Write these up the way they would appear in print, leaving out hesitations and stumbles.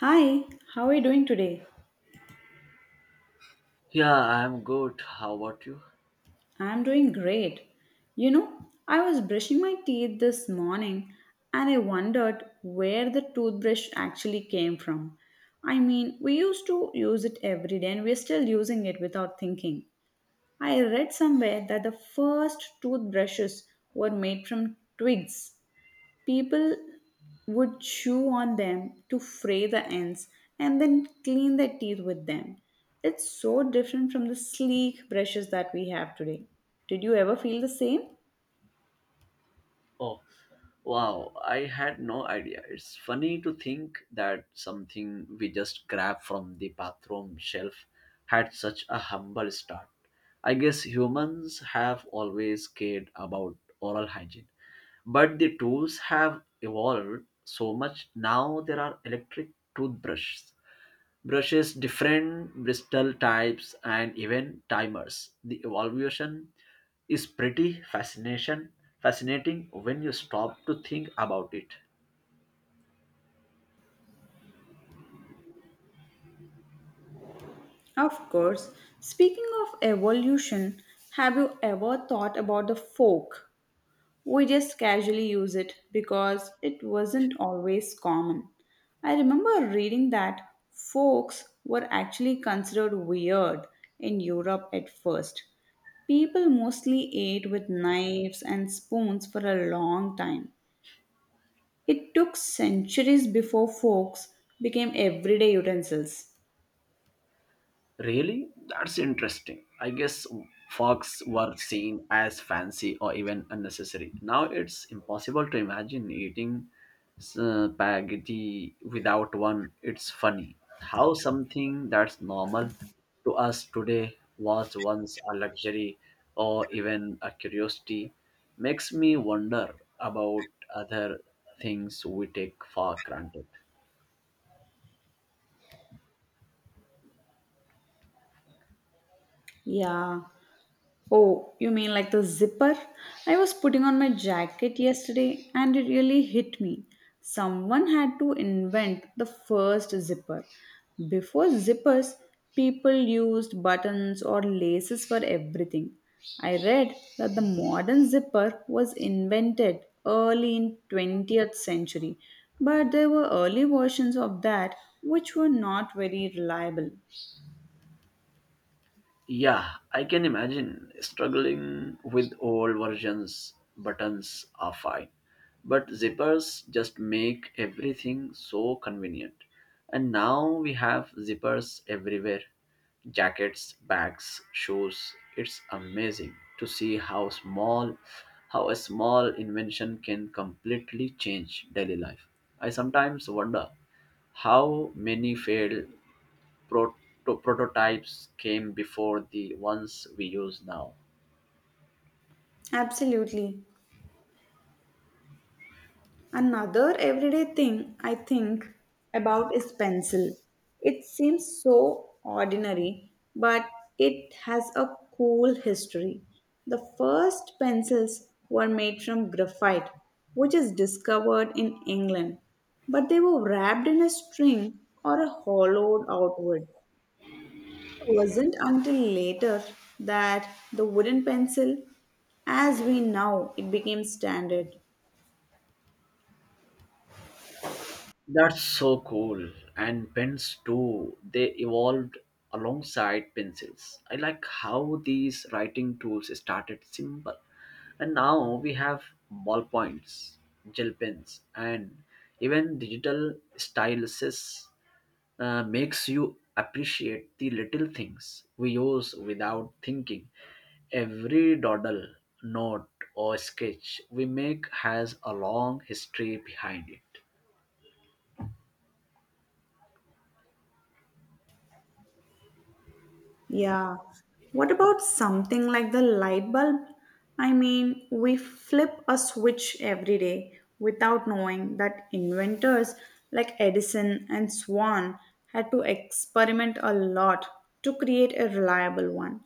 Hi, how are you doing today? Yeah, I'm good. How about you? I'm doing great. You know, I was brushing my teeth this morning and I wondered where the toothbrush actually came from. I mean, we used to use it every day and we're still using it without thinking. I read somewhere that the first toothbrushes were made from twigs. People would chew on them to fray the ends and then clean their teeth with them. It's so different from the sleek brushes that we have today. Did you ever feel the same? Oh, wow, I had no idea. It's funny to think that something we just grabbed from the bathroom shelf had such a humble start. I guess humans have always cared about oral hygiene, but the tools have evolved so much. Now there are electric toothbrushes brushes, different bristle types, and even timers. The evolution is pretty fascinating when you stop to think about it. Of course. Speaking of evolution, have you ever thought about the fork? We just casually use it because it wasn't always common. I remember reading that forks were actually considered weird in Europe at first. People mostly ate with knives and spoons for a long time. It took centuries before forks became everyday utensils. Really? That's interesting. I guess fogs were seen as fancy or even unnecessary. Now it's impossible to imagine eating spaghetti without one. It's funny how something that's normal to us today was once a luxury or even a curiosity. Makes me wonder about other things we take for granted. Yeah. Oh, you mean like the zipper? I was putting on my jacket yesterday and it really hit me. Someone had to invent the first zipper. Before zippers, people used buttons or laces for everything. I read that the modern zipper was invented early in 20th century, but there were early versions of that which were not very reliable. Yeah, I can imagine struggling with old versions. Buttons are fine, but zippers just make everything so convenient. And now we have zippers everywhere jackets, bags, shoes. It's amazing to see how a small invention can completely change daily life. I sometimes wonder how many fail prototypes came before the ones we use now. Absolutely. Another everyday thing I think about is pencil. It seems so ordinary, but it has a cool history. The first pencils were made from graphite, which is discovered in England, but they were wrapped in a string or a hollowed out wood. It wasn't until later that the wooden pencil, as we know, it became standard. That's so cool. And pens too, they evolved alongside pencils. I like how these writing tools started simple. And now we have ballpoints, gel pens, and even digital styluses. Makes you appreciate the little things we use without thinking. Every dawdle, note, or sketch we make has a long history behind it. Yeah. What about something like the light bulb? I mean, we flip a switch every day without knowing that inventors like Edison and Swan had to experiment a lot to create a reliable one.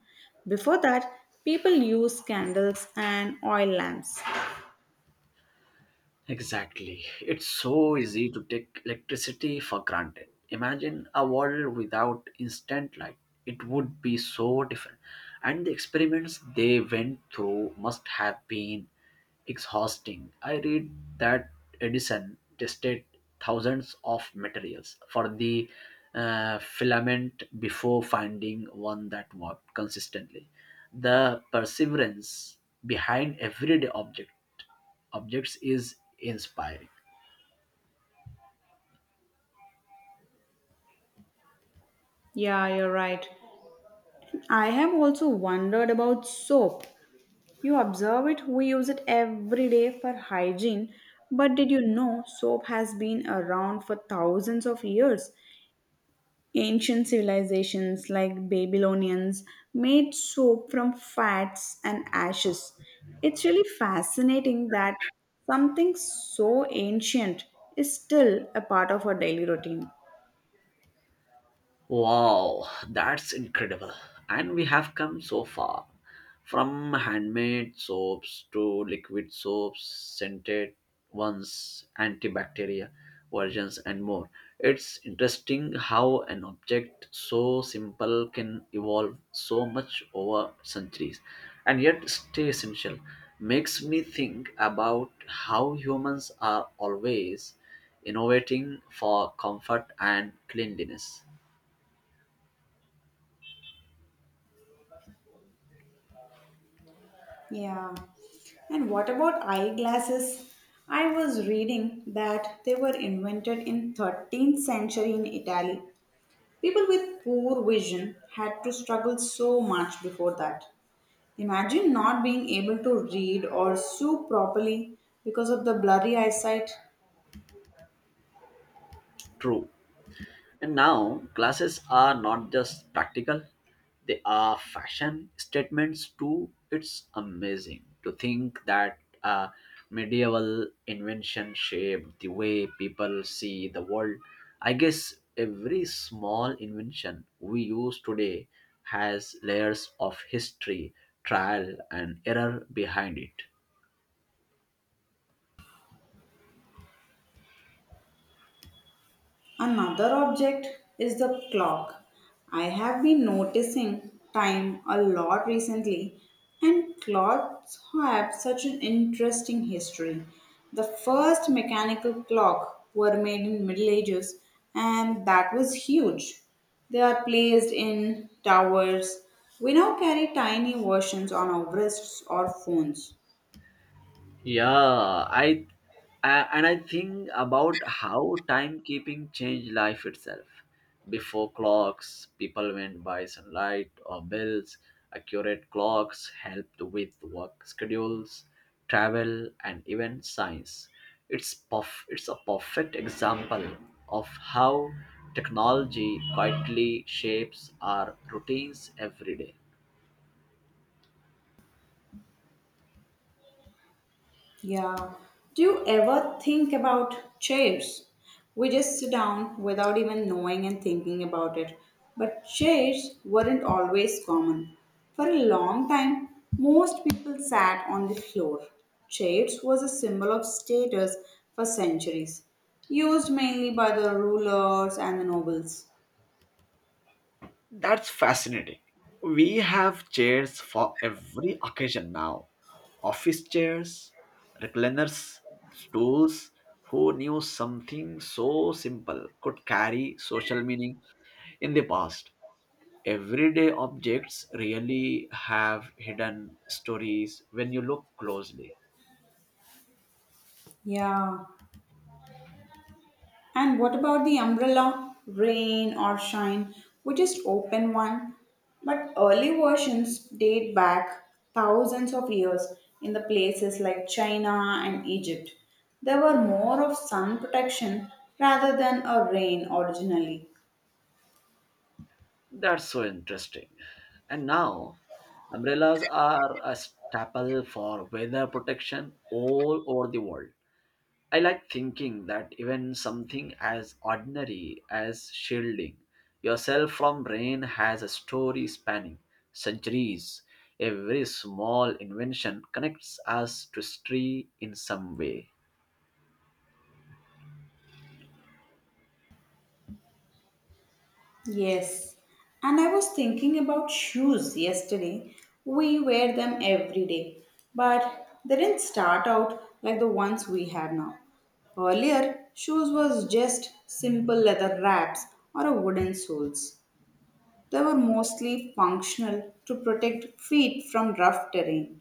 Before that, people used candles and oil lamps. Exactly. It's so easy to take electricity for granted. Imagine a world without instant light. It would be so different. And the experiments they went through must have been exhausting. I read that Edison tested thousands of materials for the filament before finding one that worked consistently. The perseverance behind everyday object objects is inspiring. Yeah, you're right. I have also wondered about soap. You observe it, we use it every day for hygiene. But did you know soap has been around for thousands of years? Ancient civilizations like Babylonians made soap from fats and ashes. It's really fascinating that something so ancient is still a part of our daily routine. Wow, that's incredible. And we have come so far from handmade soaps to liquid soaps, scented ones, antibacterial versions, and more. It's interesting how an object so simple can evolve so much over centuries and yet stay essential. Makes me think about how humans are always innovating for comfort and cleanliness. Yeah. And what about eyeglasses? I was reading that they were invented in 13th century in Italy. People with poor vision had to struggle so much before that. Imagine not being able to read or sew properly because of the blurry eyesight. True. And now glasses are not just practical, they are fashion statements too. It's amazing to think that a medieval invention shaped the way people see the world. I guess every small invention we use today has layers of history, trial, and error behind it. Another object is the clock. I have been noticing time a lot recently, and clocks have such an interesting history. The first mechanical clock were made in Middle Ages, and that was huge. They are placed in towers. We now carry tiny versions on our wrists or phones. Yeah, I and I think about how timekeeping changed life itself. Before clocks, people went by sunlight or bells. Accurate clocks helped with work schedules, travel, and even science. It's a perfect example of how technology quietly shapes our routines every day. Yeah. Do you ever think about chairs? We just sit down without even knowing and thinking about it. But chairs weren't always common. For a long time, most people sat on the floor. Chairs was a symbol of status for centuries, used mainly by the rulers and the nobles. That's fascinating. We have chairs for every occasion now office chairs, recliners, stools. Who knew something so simple could carry social meaning in the past? Everyday objects really have hidden stories when you look closely. Yeah. And what about the umbrella? Rain or shine, we just open one. But early versions date back thousands of years in the places like China and Egypt. There were more of sun protection rather than a rain originally. That's so interesting. And now, umbrellas are a staple for weather protection all over the world. I like thinking that even something as ordinary as shielding yourself from rain has a story spanning centuries. Every small invention connects us to history in some way. Yes, and I was thinking about shoes yesterday. We wear them every day, but they didn't start out like the ones we have now. Earlier, shoes was just simple leather wraps or a wooden soles. They were mostly functional to protect feet from rough terrain.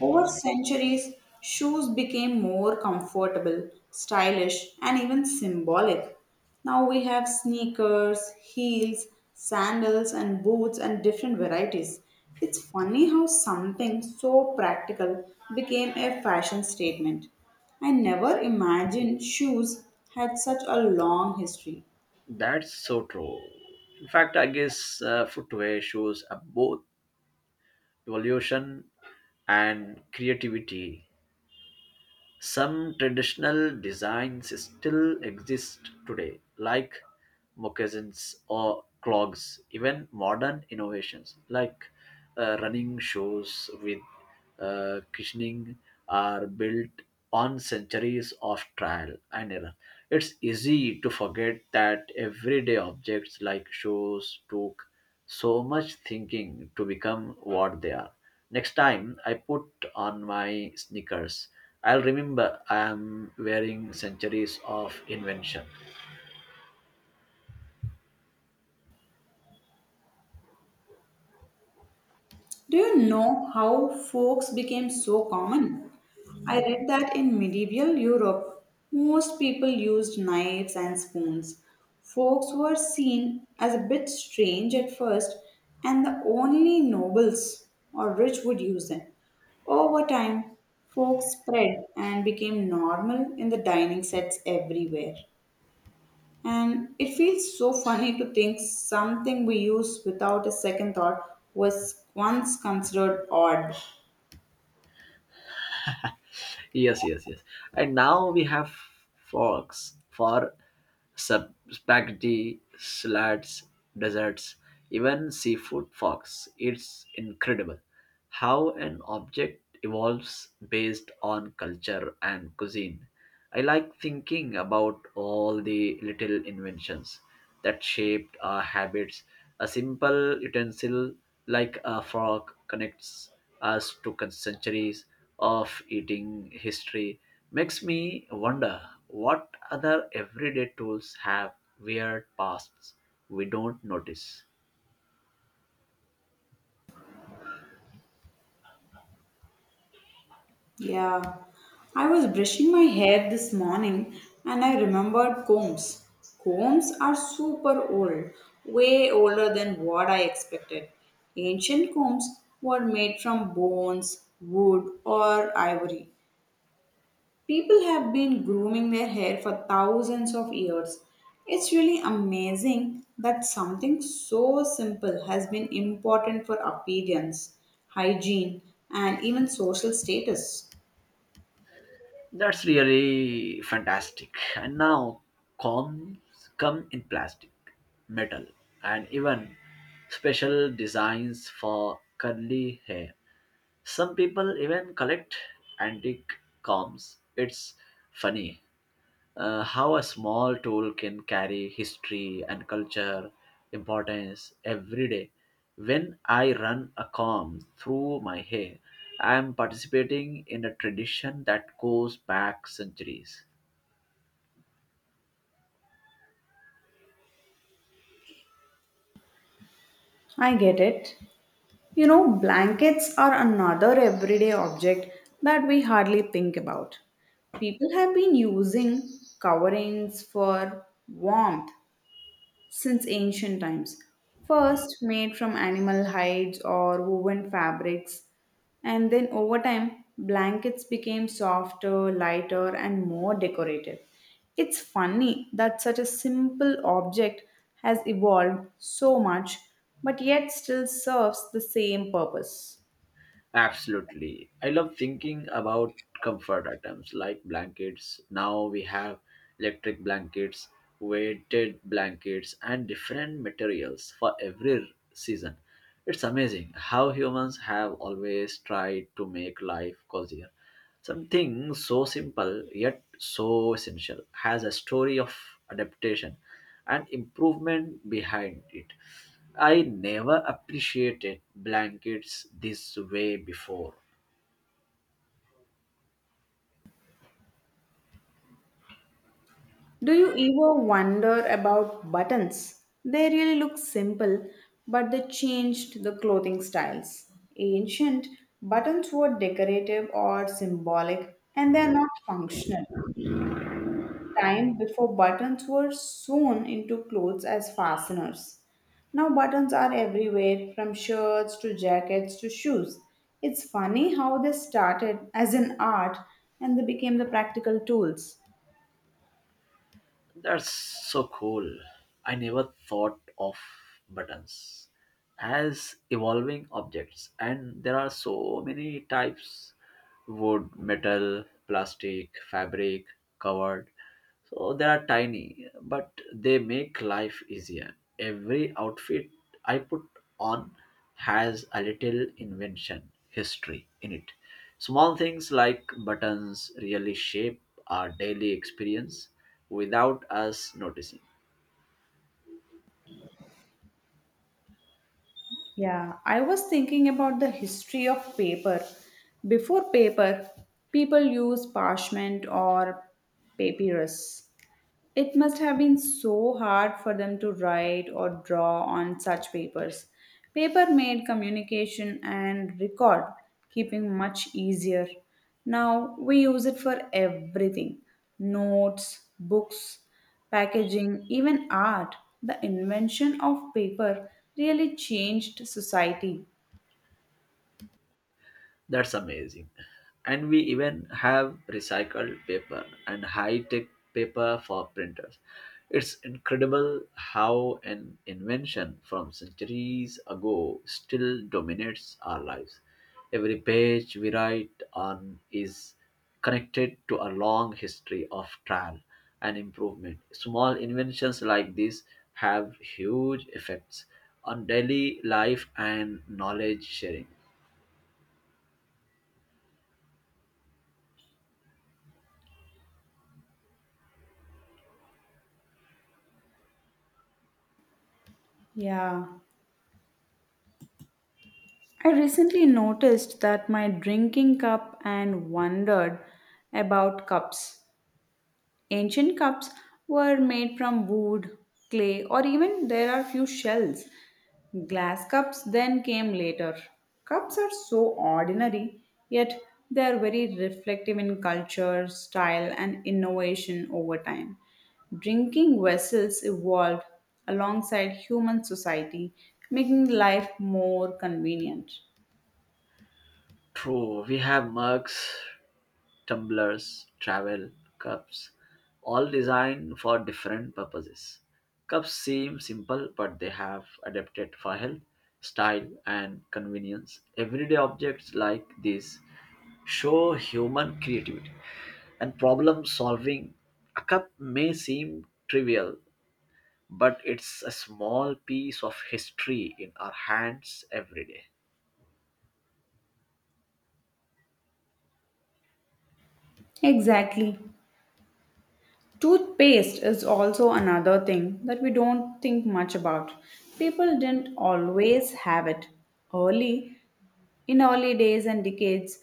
Over centuries, shoes became more comfortable, stylish, and even symbolic. Now we have sneakers, heels, sandals, and boots, and different varieties. It's funny how something so practical became a fashion statement. I never imagined shoes had such a long history. That's so true. In fact, I guess footwear shows both evolution and creativity. Some traditional designs still exist today, like moccasins or clogs. Even modern innovations like running shoes with cushioning are built on centuries of trial and error. It's easy to forget that everyday objects like shoes took so much thinking to become what they are. Next time I put on my sneakers, I'll remember I am wearing centuries of invention. Do you know how forks became so common? I read that in medieval Europe, most people used knives and spoons. Forks were seen as a bit strange at first, and the only nobles or rich would use them. Over time, forks spread and became normal in the dining sets everywhere. And it feels so funny to think something we use without a second thought was once considered odd. Yes, yes, yes. And now we have forks for spaghetti, salads, desserts, even seafood forks. It's incredible how an object evolves based on culture and cuisine. I like thinking about all the little inventions that shaped our habits. A simple utensil like a fork connects us to centuries of eating history. Makes me wonder what other everyday tools have weird pasts we don't notice. Yeah, I was brushing my hair this morning and I remembered combs. Combs are super old, way older than what I expected. Ancient combs were made from bones, wood, or ivory. People have been grooming their hair for thousands of years. It's really amazing that something so simple has been important for appearance, hygiene, and even social status. That's really fantastic. And now combs come in plastic, metal, and even special designs for curly hair. Some people even collect antique combs. It's funny how a small tool can carry history and culture importance every day. When I run a comb through my hair, I am participating in a tradition that goes back centuries. I get it. You know, blankets are another everyday object that we hardly think about. People have been using coverings for warmth since ancient times. First made from animal hides or woven fabrics, and then over time, blankets became softer, lighter, and more decorative. It's funny that such a simple object has evolved so much, but yet still serves the same purpose. Absolutely. I love thinking about comfort items like blankets. Now we have electric blankets, weighted blankets, and different materials for every season. It's amazing how humans have always tried to make life cozier. Something so simple yet so essential has a story of adaptation and improvement behind it. I never appreciated blankets this way before. Do you ever wonder about buttons? They really look simple, but they changed the clothing styles. Ancient buttons were decorative or symbolic, and they are not functional. Time before buttons were sewn into clothes as fasteners. Now buttons are everywhere from shirts to jackets to shoes. It's funny how they started as an art and they became the practical tools. That's so cool. I never thought of buttons as evolving objects, and there are so many types wood, metal, plastic, fabric, covered. So they are tiny, but they make life easier. Every outfit I put on has a little invention, history in it. Small things like buttons really shape our daily experience without us noticing. Yeah, I was thinking about the history of paper. Before paper, people used parchment or papyrus. It must have been so hard for them to write or draw on such papers. Paper made communication and record keeping much easier. Now we use it for everything: notes, books, packaging, even art. The invention of paper really changed society. That's amazing. And we even have recycled paper and high tech paper for printers. It's incredible how an invention from centuries ago still dominates our lives. Every page we write on is connected to a long history of trial and improvement. Small inventions like this have huge effects on daily life and knowledge sharing. Yeah. I recently noticed that my drinking cup and wondered about cups. Ancient cups were made from wood, clay, or even there are few shells. Glass cups then came later. Cups are so ordinary, yet they are very reflective in culture, style, and innovation over time. Drinking vessels evolved alongside human society, making life more convenient. True, we have mugs, tumblers, travel cups, all designed for different purposes. Cups seem simple, but they have adapted for health, style, and convenience. Everyday objects like these show human creativity and problem solving. A cup may seem trivial, but it's a small piece of history in our hands every day. Exactly. Toothpaste is also another thing that we don't think much about. People didn't always have it. Early, in early days and decades,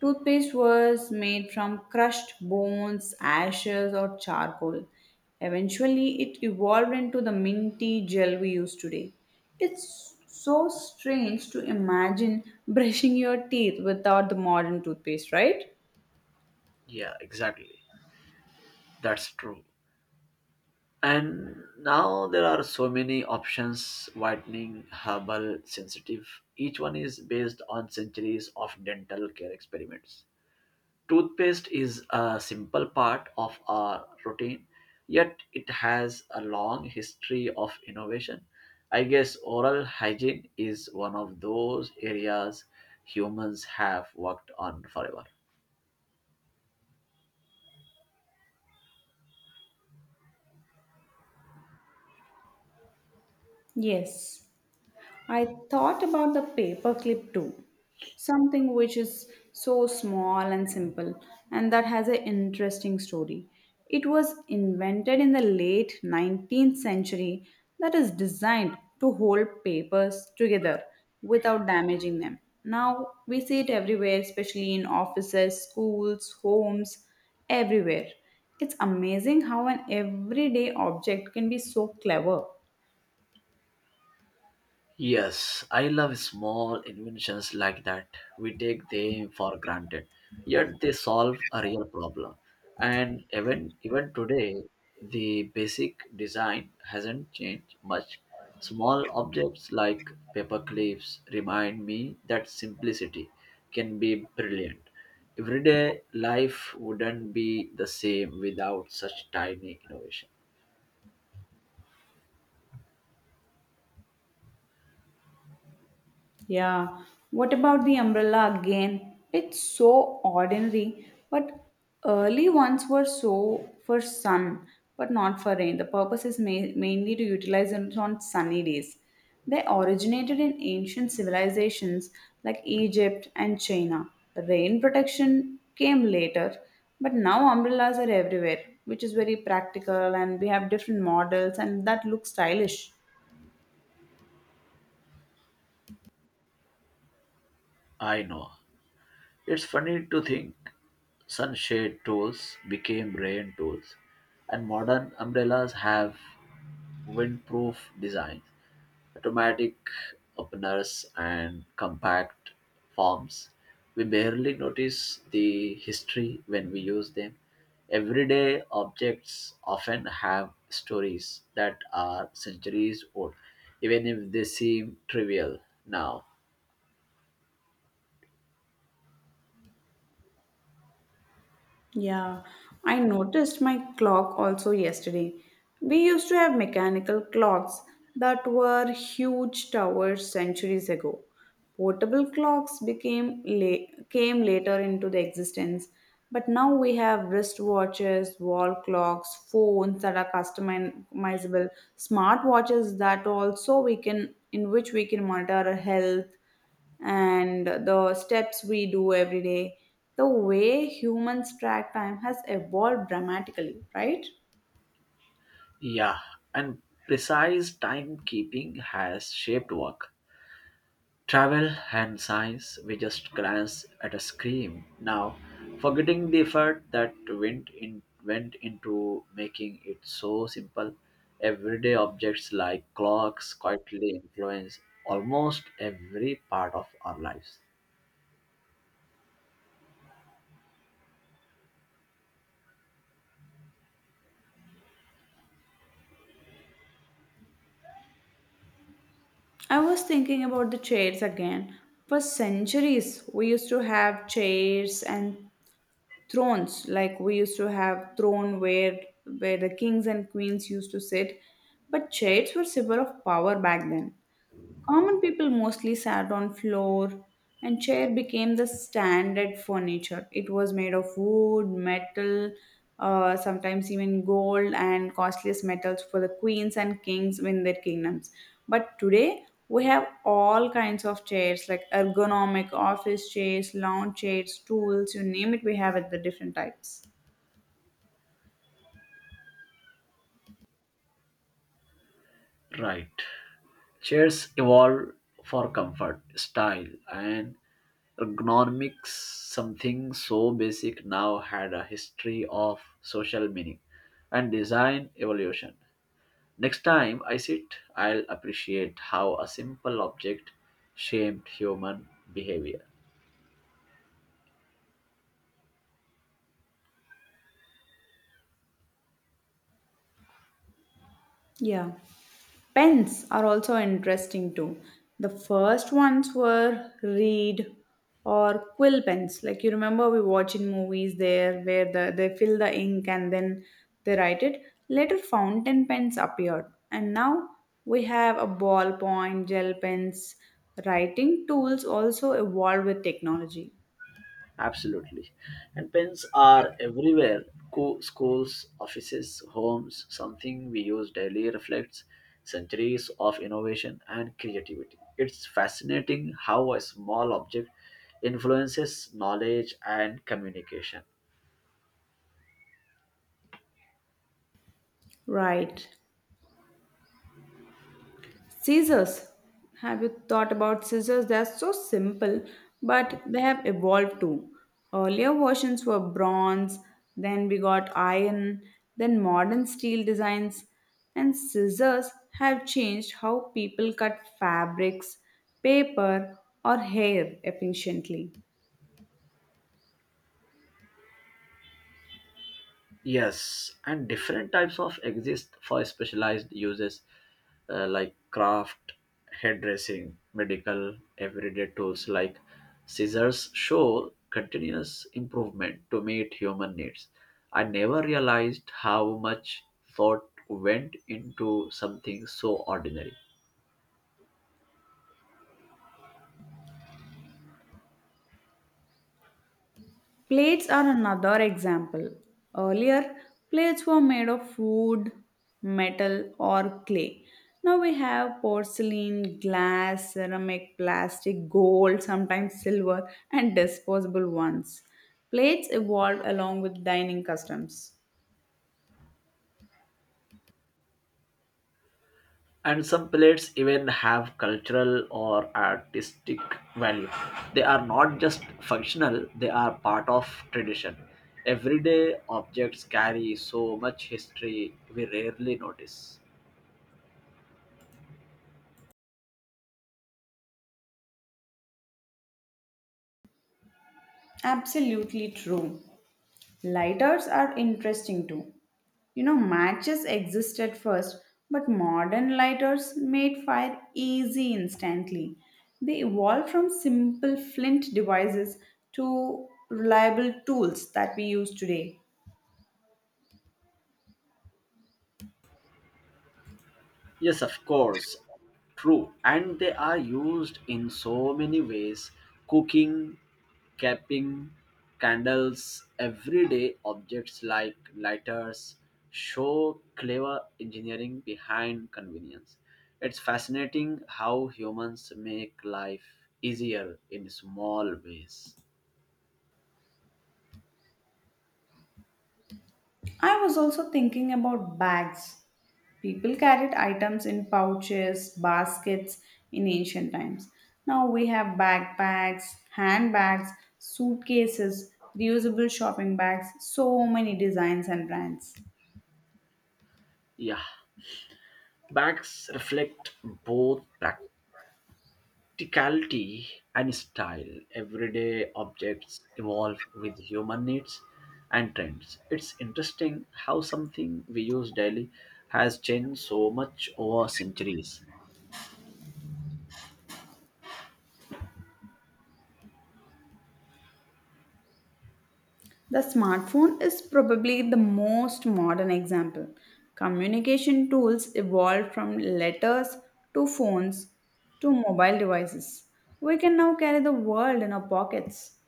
toothpaste was made from crushed bones, ashes, or charcoal. Eventually, it evolved into the minty gel we use today. It's so strange to imagine brushing your teeth without the modern toothpaste, right? Yeah, exactly. That's true. And now there are so many options whitening, herbal, sensitive. Each one is based on centuries of dental care experiments. Toothpaste is a simple part of our routine, yet it has a long history of innovation. I guess oral hygiene is one of those areas humans have worked on forever. Yes. I thought about the paperclip too, something which is so small and simple and that has an interesting story. It was invented in the late 19th century that is designed to hold papers together without damaging them. Now we see it everywhere, especially in offices, schools, homes, everywhere. It's amazing how an everyday object can be so clever. Yes, I love small inventions like that. We take them for granted, yet they solve a real problem. And even today, the basic design hasn't changed much. Small objects like paper clips remind me that simplicity can be brilliant. Everyday life wouldn't be the same without such tiny innovation. Yeah. What about the umbrella again? It's so ordinary, but early ones were so for sun, but not for rain. The purpose is mainly to utilize it on sunny days. They originated in ancient civilizations like Egypt and China. Rain protection came later, but now umbrellas are everywhere, which is very practical, and we have different models, and that looks stylish. I know. It's funny to think sunshade tools became rain tools, and modern umbrellas have windproof designs, automatic openers, and compact forms. We barely notice the history when we use them. Everyday objects often have stories that are centuries old, even if they seem trivial now. Yeah, I noticed my clock also yesterday. We used to have mechanical clocks that were huge towers centuries ago. Portable clocks came later into the existence, but now we have wristwatches, wall clocks, phones that are customizable, smartwatches that also we can in which we can monitor our health and the steps we do every day. The way humans track time has evolved dramatically, right? Yeah, and precise timekeeping has shaped work, travel, and science. We just glance at a screen now, forgetting the effort that went into making it so simple. Everyday objects like clocks quietly influence almost every part of our lives. I was thinking about the chairs again. For centuries, we used to have chairs and thrones, like we used to have throne where the kings and queens used to sit. But chairs were symbol of power back then. Common people mostly sat on floor and chair became the standard furniture. It was made of wood, metal, sometimes even gold and costliest metals for the queens and kings in their kingdoms. But today we have all kinds of chairs like ergonomic office chairs, lounge chairs, stools, you name it, we have it the different types. Right. Chairs evolved for comfort, style, and ergonomics. Something so basic now had a history of social meaning and design evolution. Next time I sit, I'll appreciate how a simple object shaped human behavior. Yeah. Pens are also interesting too. The first ones were reed or quill pens. Like you remember, we watch in movies there where they fill the ink and then they write it. Later, fountain pens appeared, and now we have a ballpoint, gel pens. Writing tools also evolved with technology. Absolutely. And pens are everywhere schools, offices, homes. Something we use daily reflects centuries of innovation and creativity. It's fascinating how a small object influences knowledge and communication. Right. Scissors. Have you thought about scissors? They are so simple, but they have evolved too. Earlier versions were bronze, then we got iron, then modern steel designs, and scissors have changed how people cut fabrics, paper, or hair efficiently. Yes, and different types of exist for specialized uses like craft, hairdressing, medical, everyday tools like scissors show continuous improvement to meet human needs. I never realized how much thought went into something so ordinary. Plates are another example. Earlier, plates were made of wood, metal, or clay. Now we have porcelain, glass, ceramic, plastic, gold, sometimes silver, and disposable ones. Plates evolved along with dining customs. And some plates even have cultural or artistic value, they are not just functional, they are part of tradition. Everyday objects carry so much history we rarely notice. Absolutely true. Lighters are interesting too. You know, matches existed first, but modern lighters made fire easy instantly. They evolved from simple flint devices to reliable tools that we use today. Yes, of course. True. And they are used in so many ways cooking, capping, candles, everyday objects like lighters show clever engineering behind convenience. It's fascinating how humans make life easier in small ways. I was also thinking about bags. People carried items in pouches, baskets in ancient times. Now we have backpacks, handbags, suitcases, reusable shopping bags, so many designs and brands. Yeah, bags reflect both practice practicality and style. Everyday objects evolve with human needs and trends. It's interesting how something we use daily has changed so much over centuries. The smartphone is probably the most modern example. Communication tools evolved from letters to phones to mobile devices. We can now carry the world in our pockets.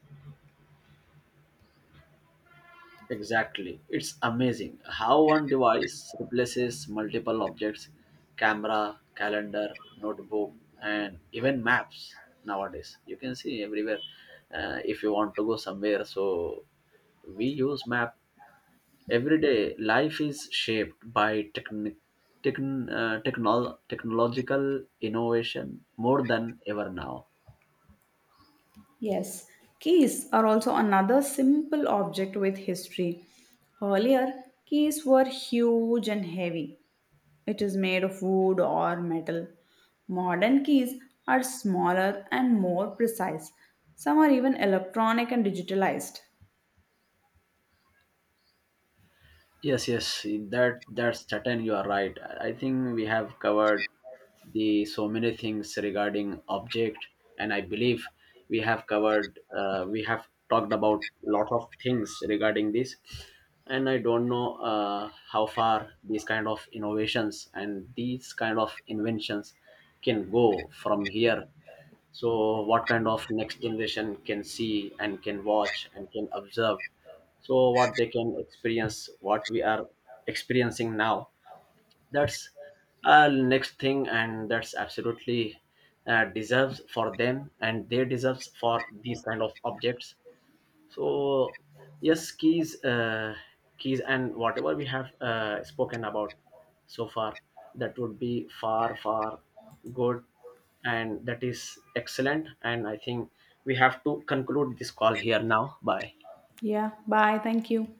Exactly, it's amazing how one device replaces multiple objects camera, calendar, notebook, and even maps. Nowadays you can see everywhere, if you want to go somewhere, so we use map. Everyday life is shaped by technological innovation more than ever now. Yes, keys are also another simple object with history. Earlier, keys were huge and heavy. It is made of wood or metal. Modern keys are smaller and more precise. Some are even electronic and digitalized. Yes, yes, that's certain. You are right. I think we have covered the so many things regarding object, and I believe we have covered. We have talked about lot of things regarding this, and I don't know how far these kind of innovations and these kind of inventions can go from here, so what kind of next generation can see and can watch and can observe, so what they can experience what we are experiencing now. That's next thing, and that's absolutely deserves for them, and they deserves for these kind of objects. So yes, keys, keys, and whatever we have spoken about so far, that would be far, far good, and that is excellent. And I think we have to conclude this call here now. Bye. Yeah, bye. Thank you.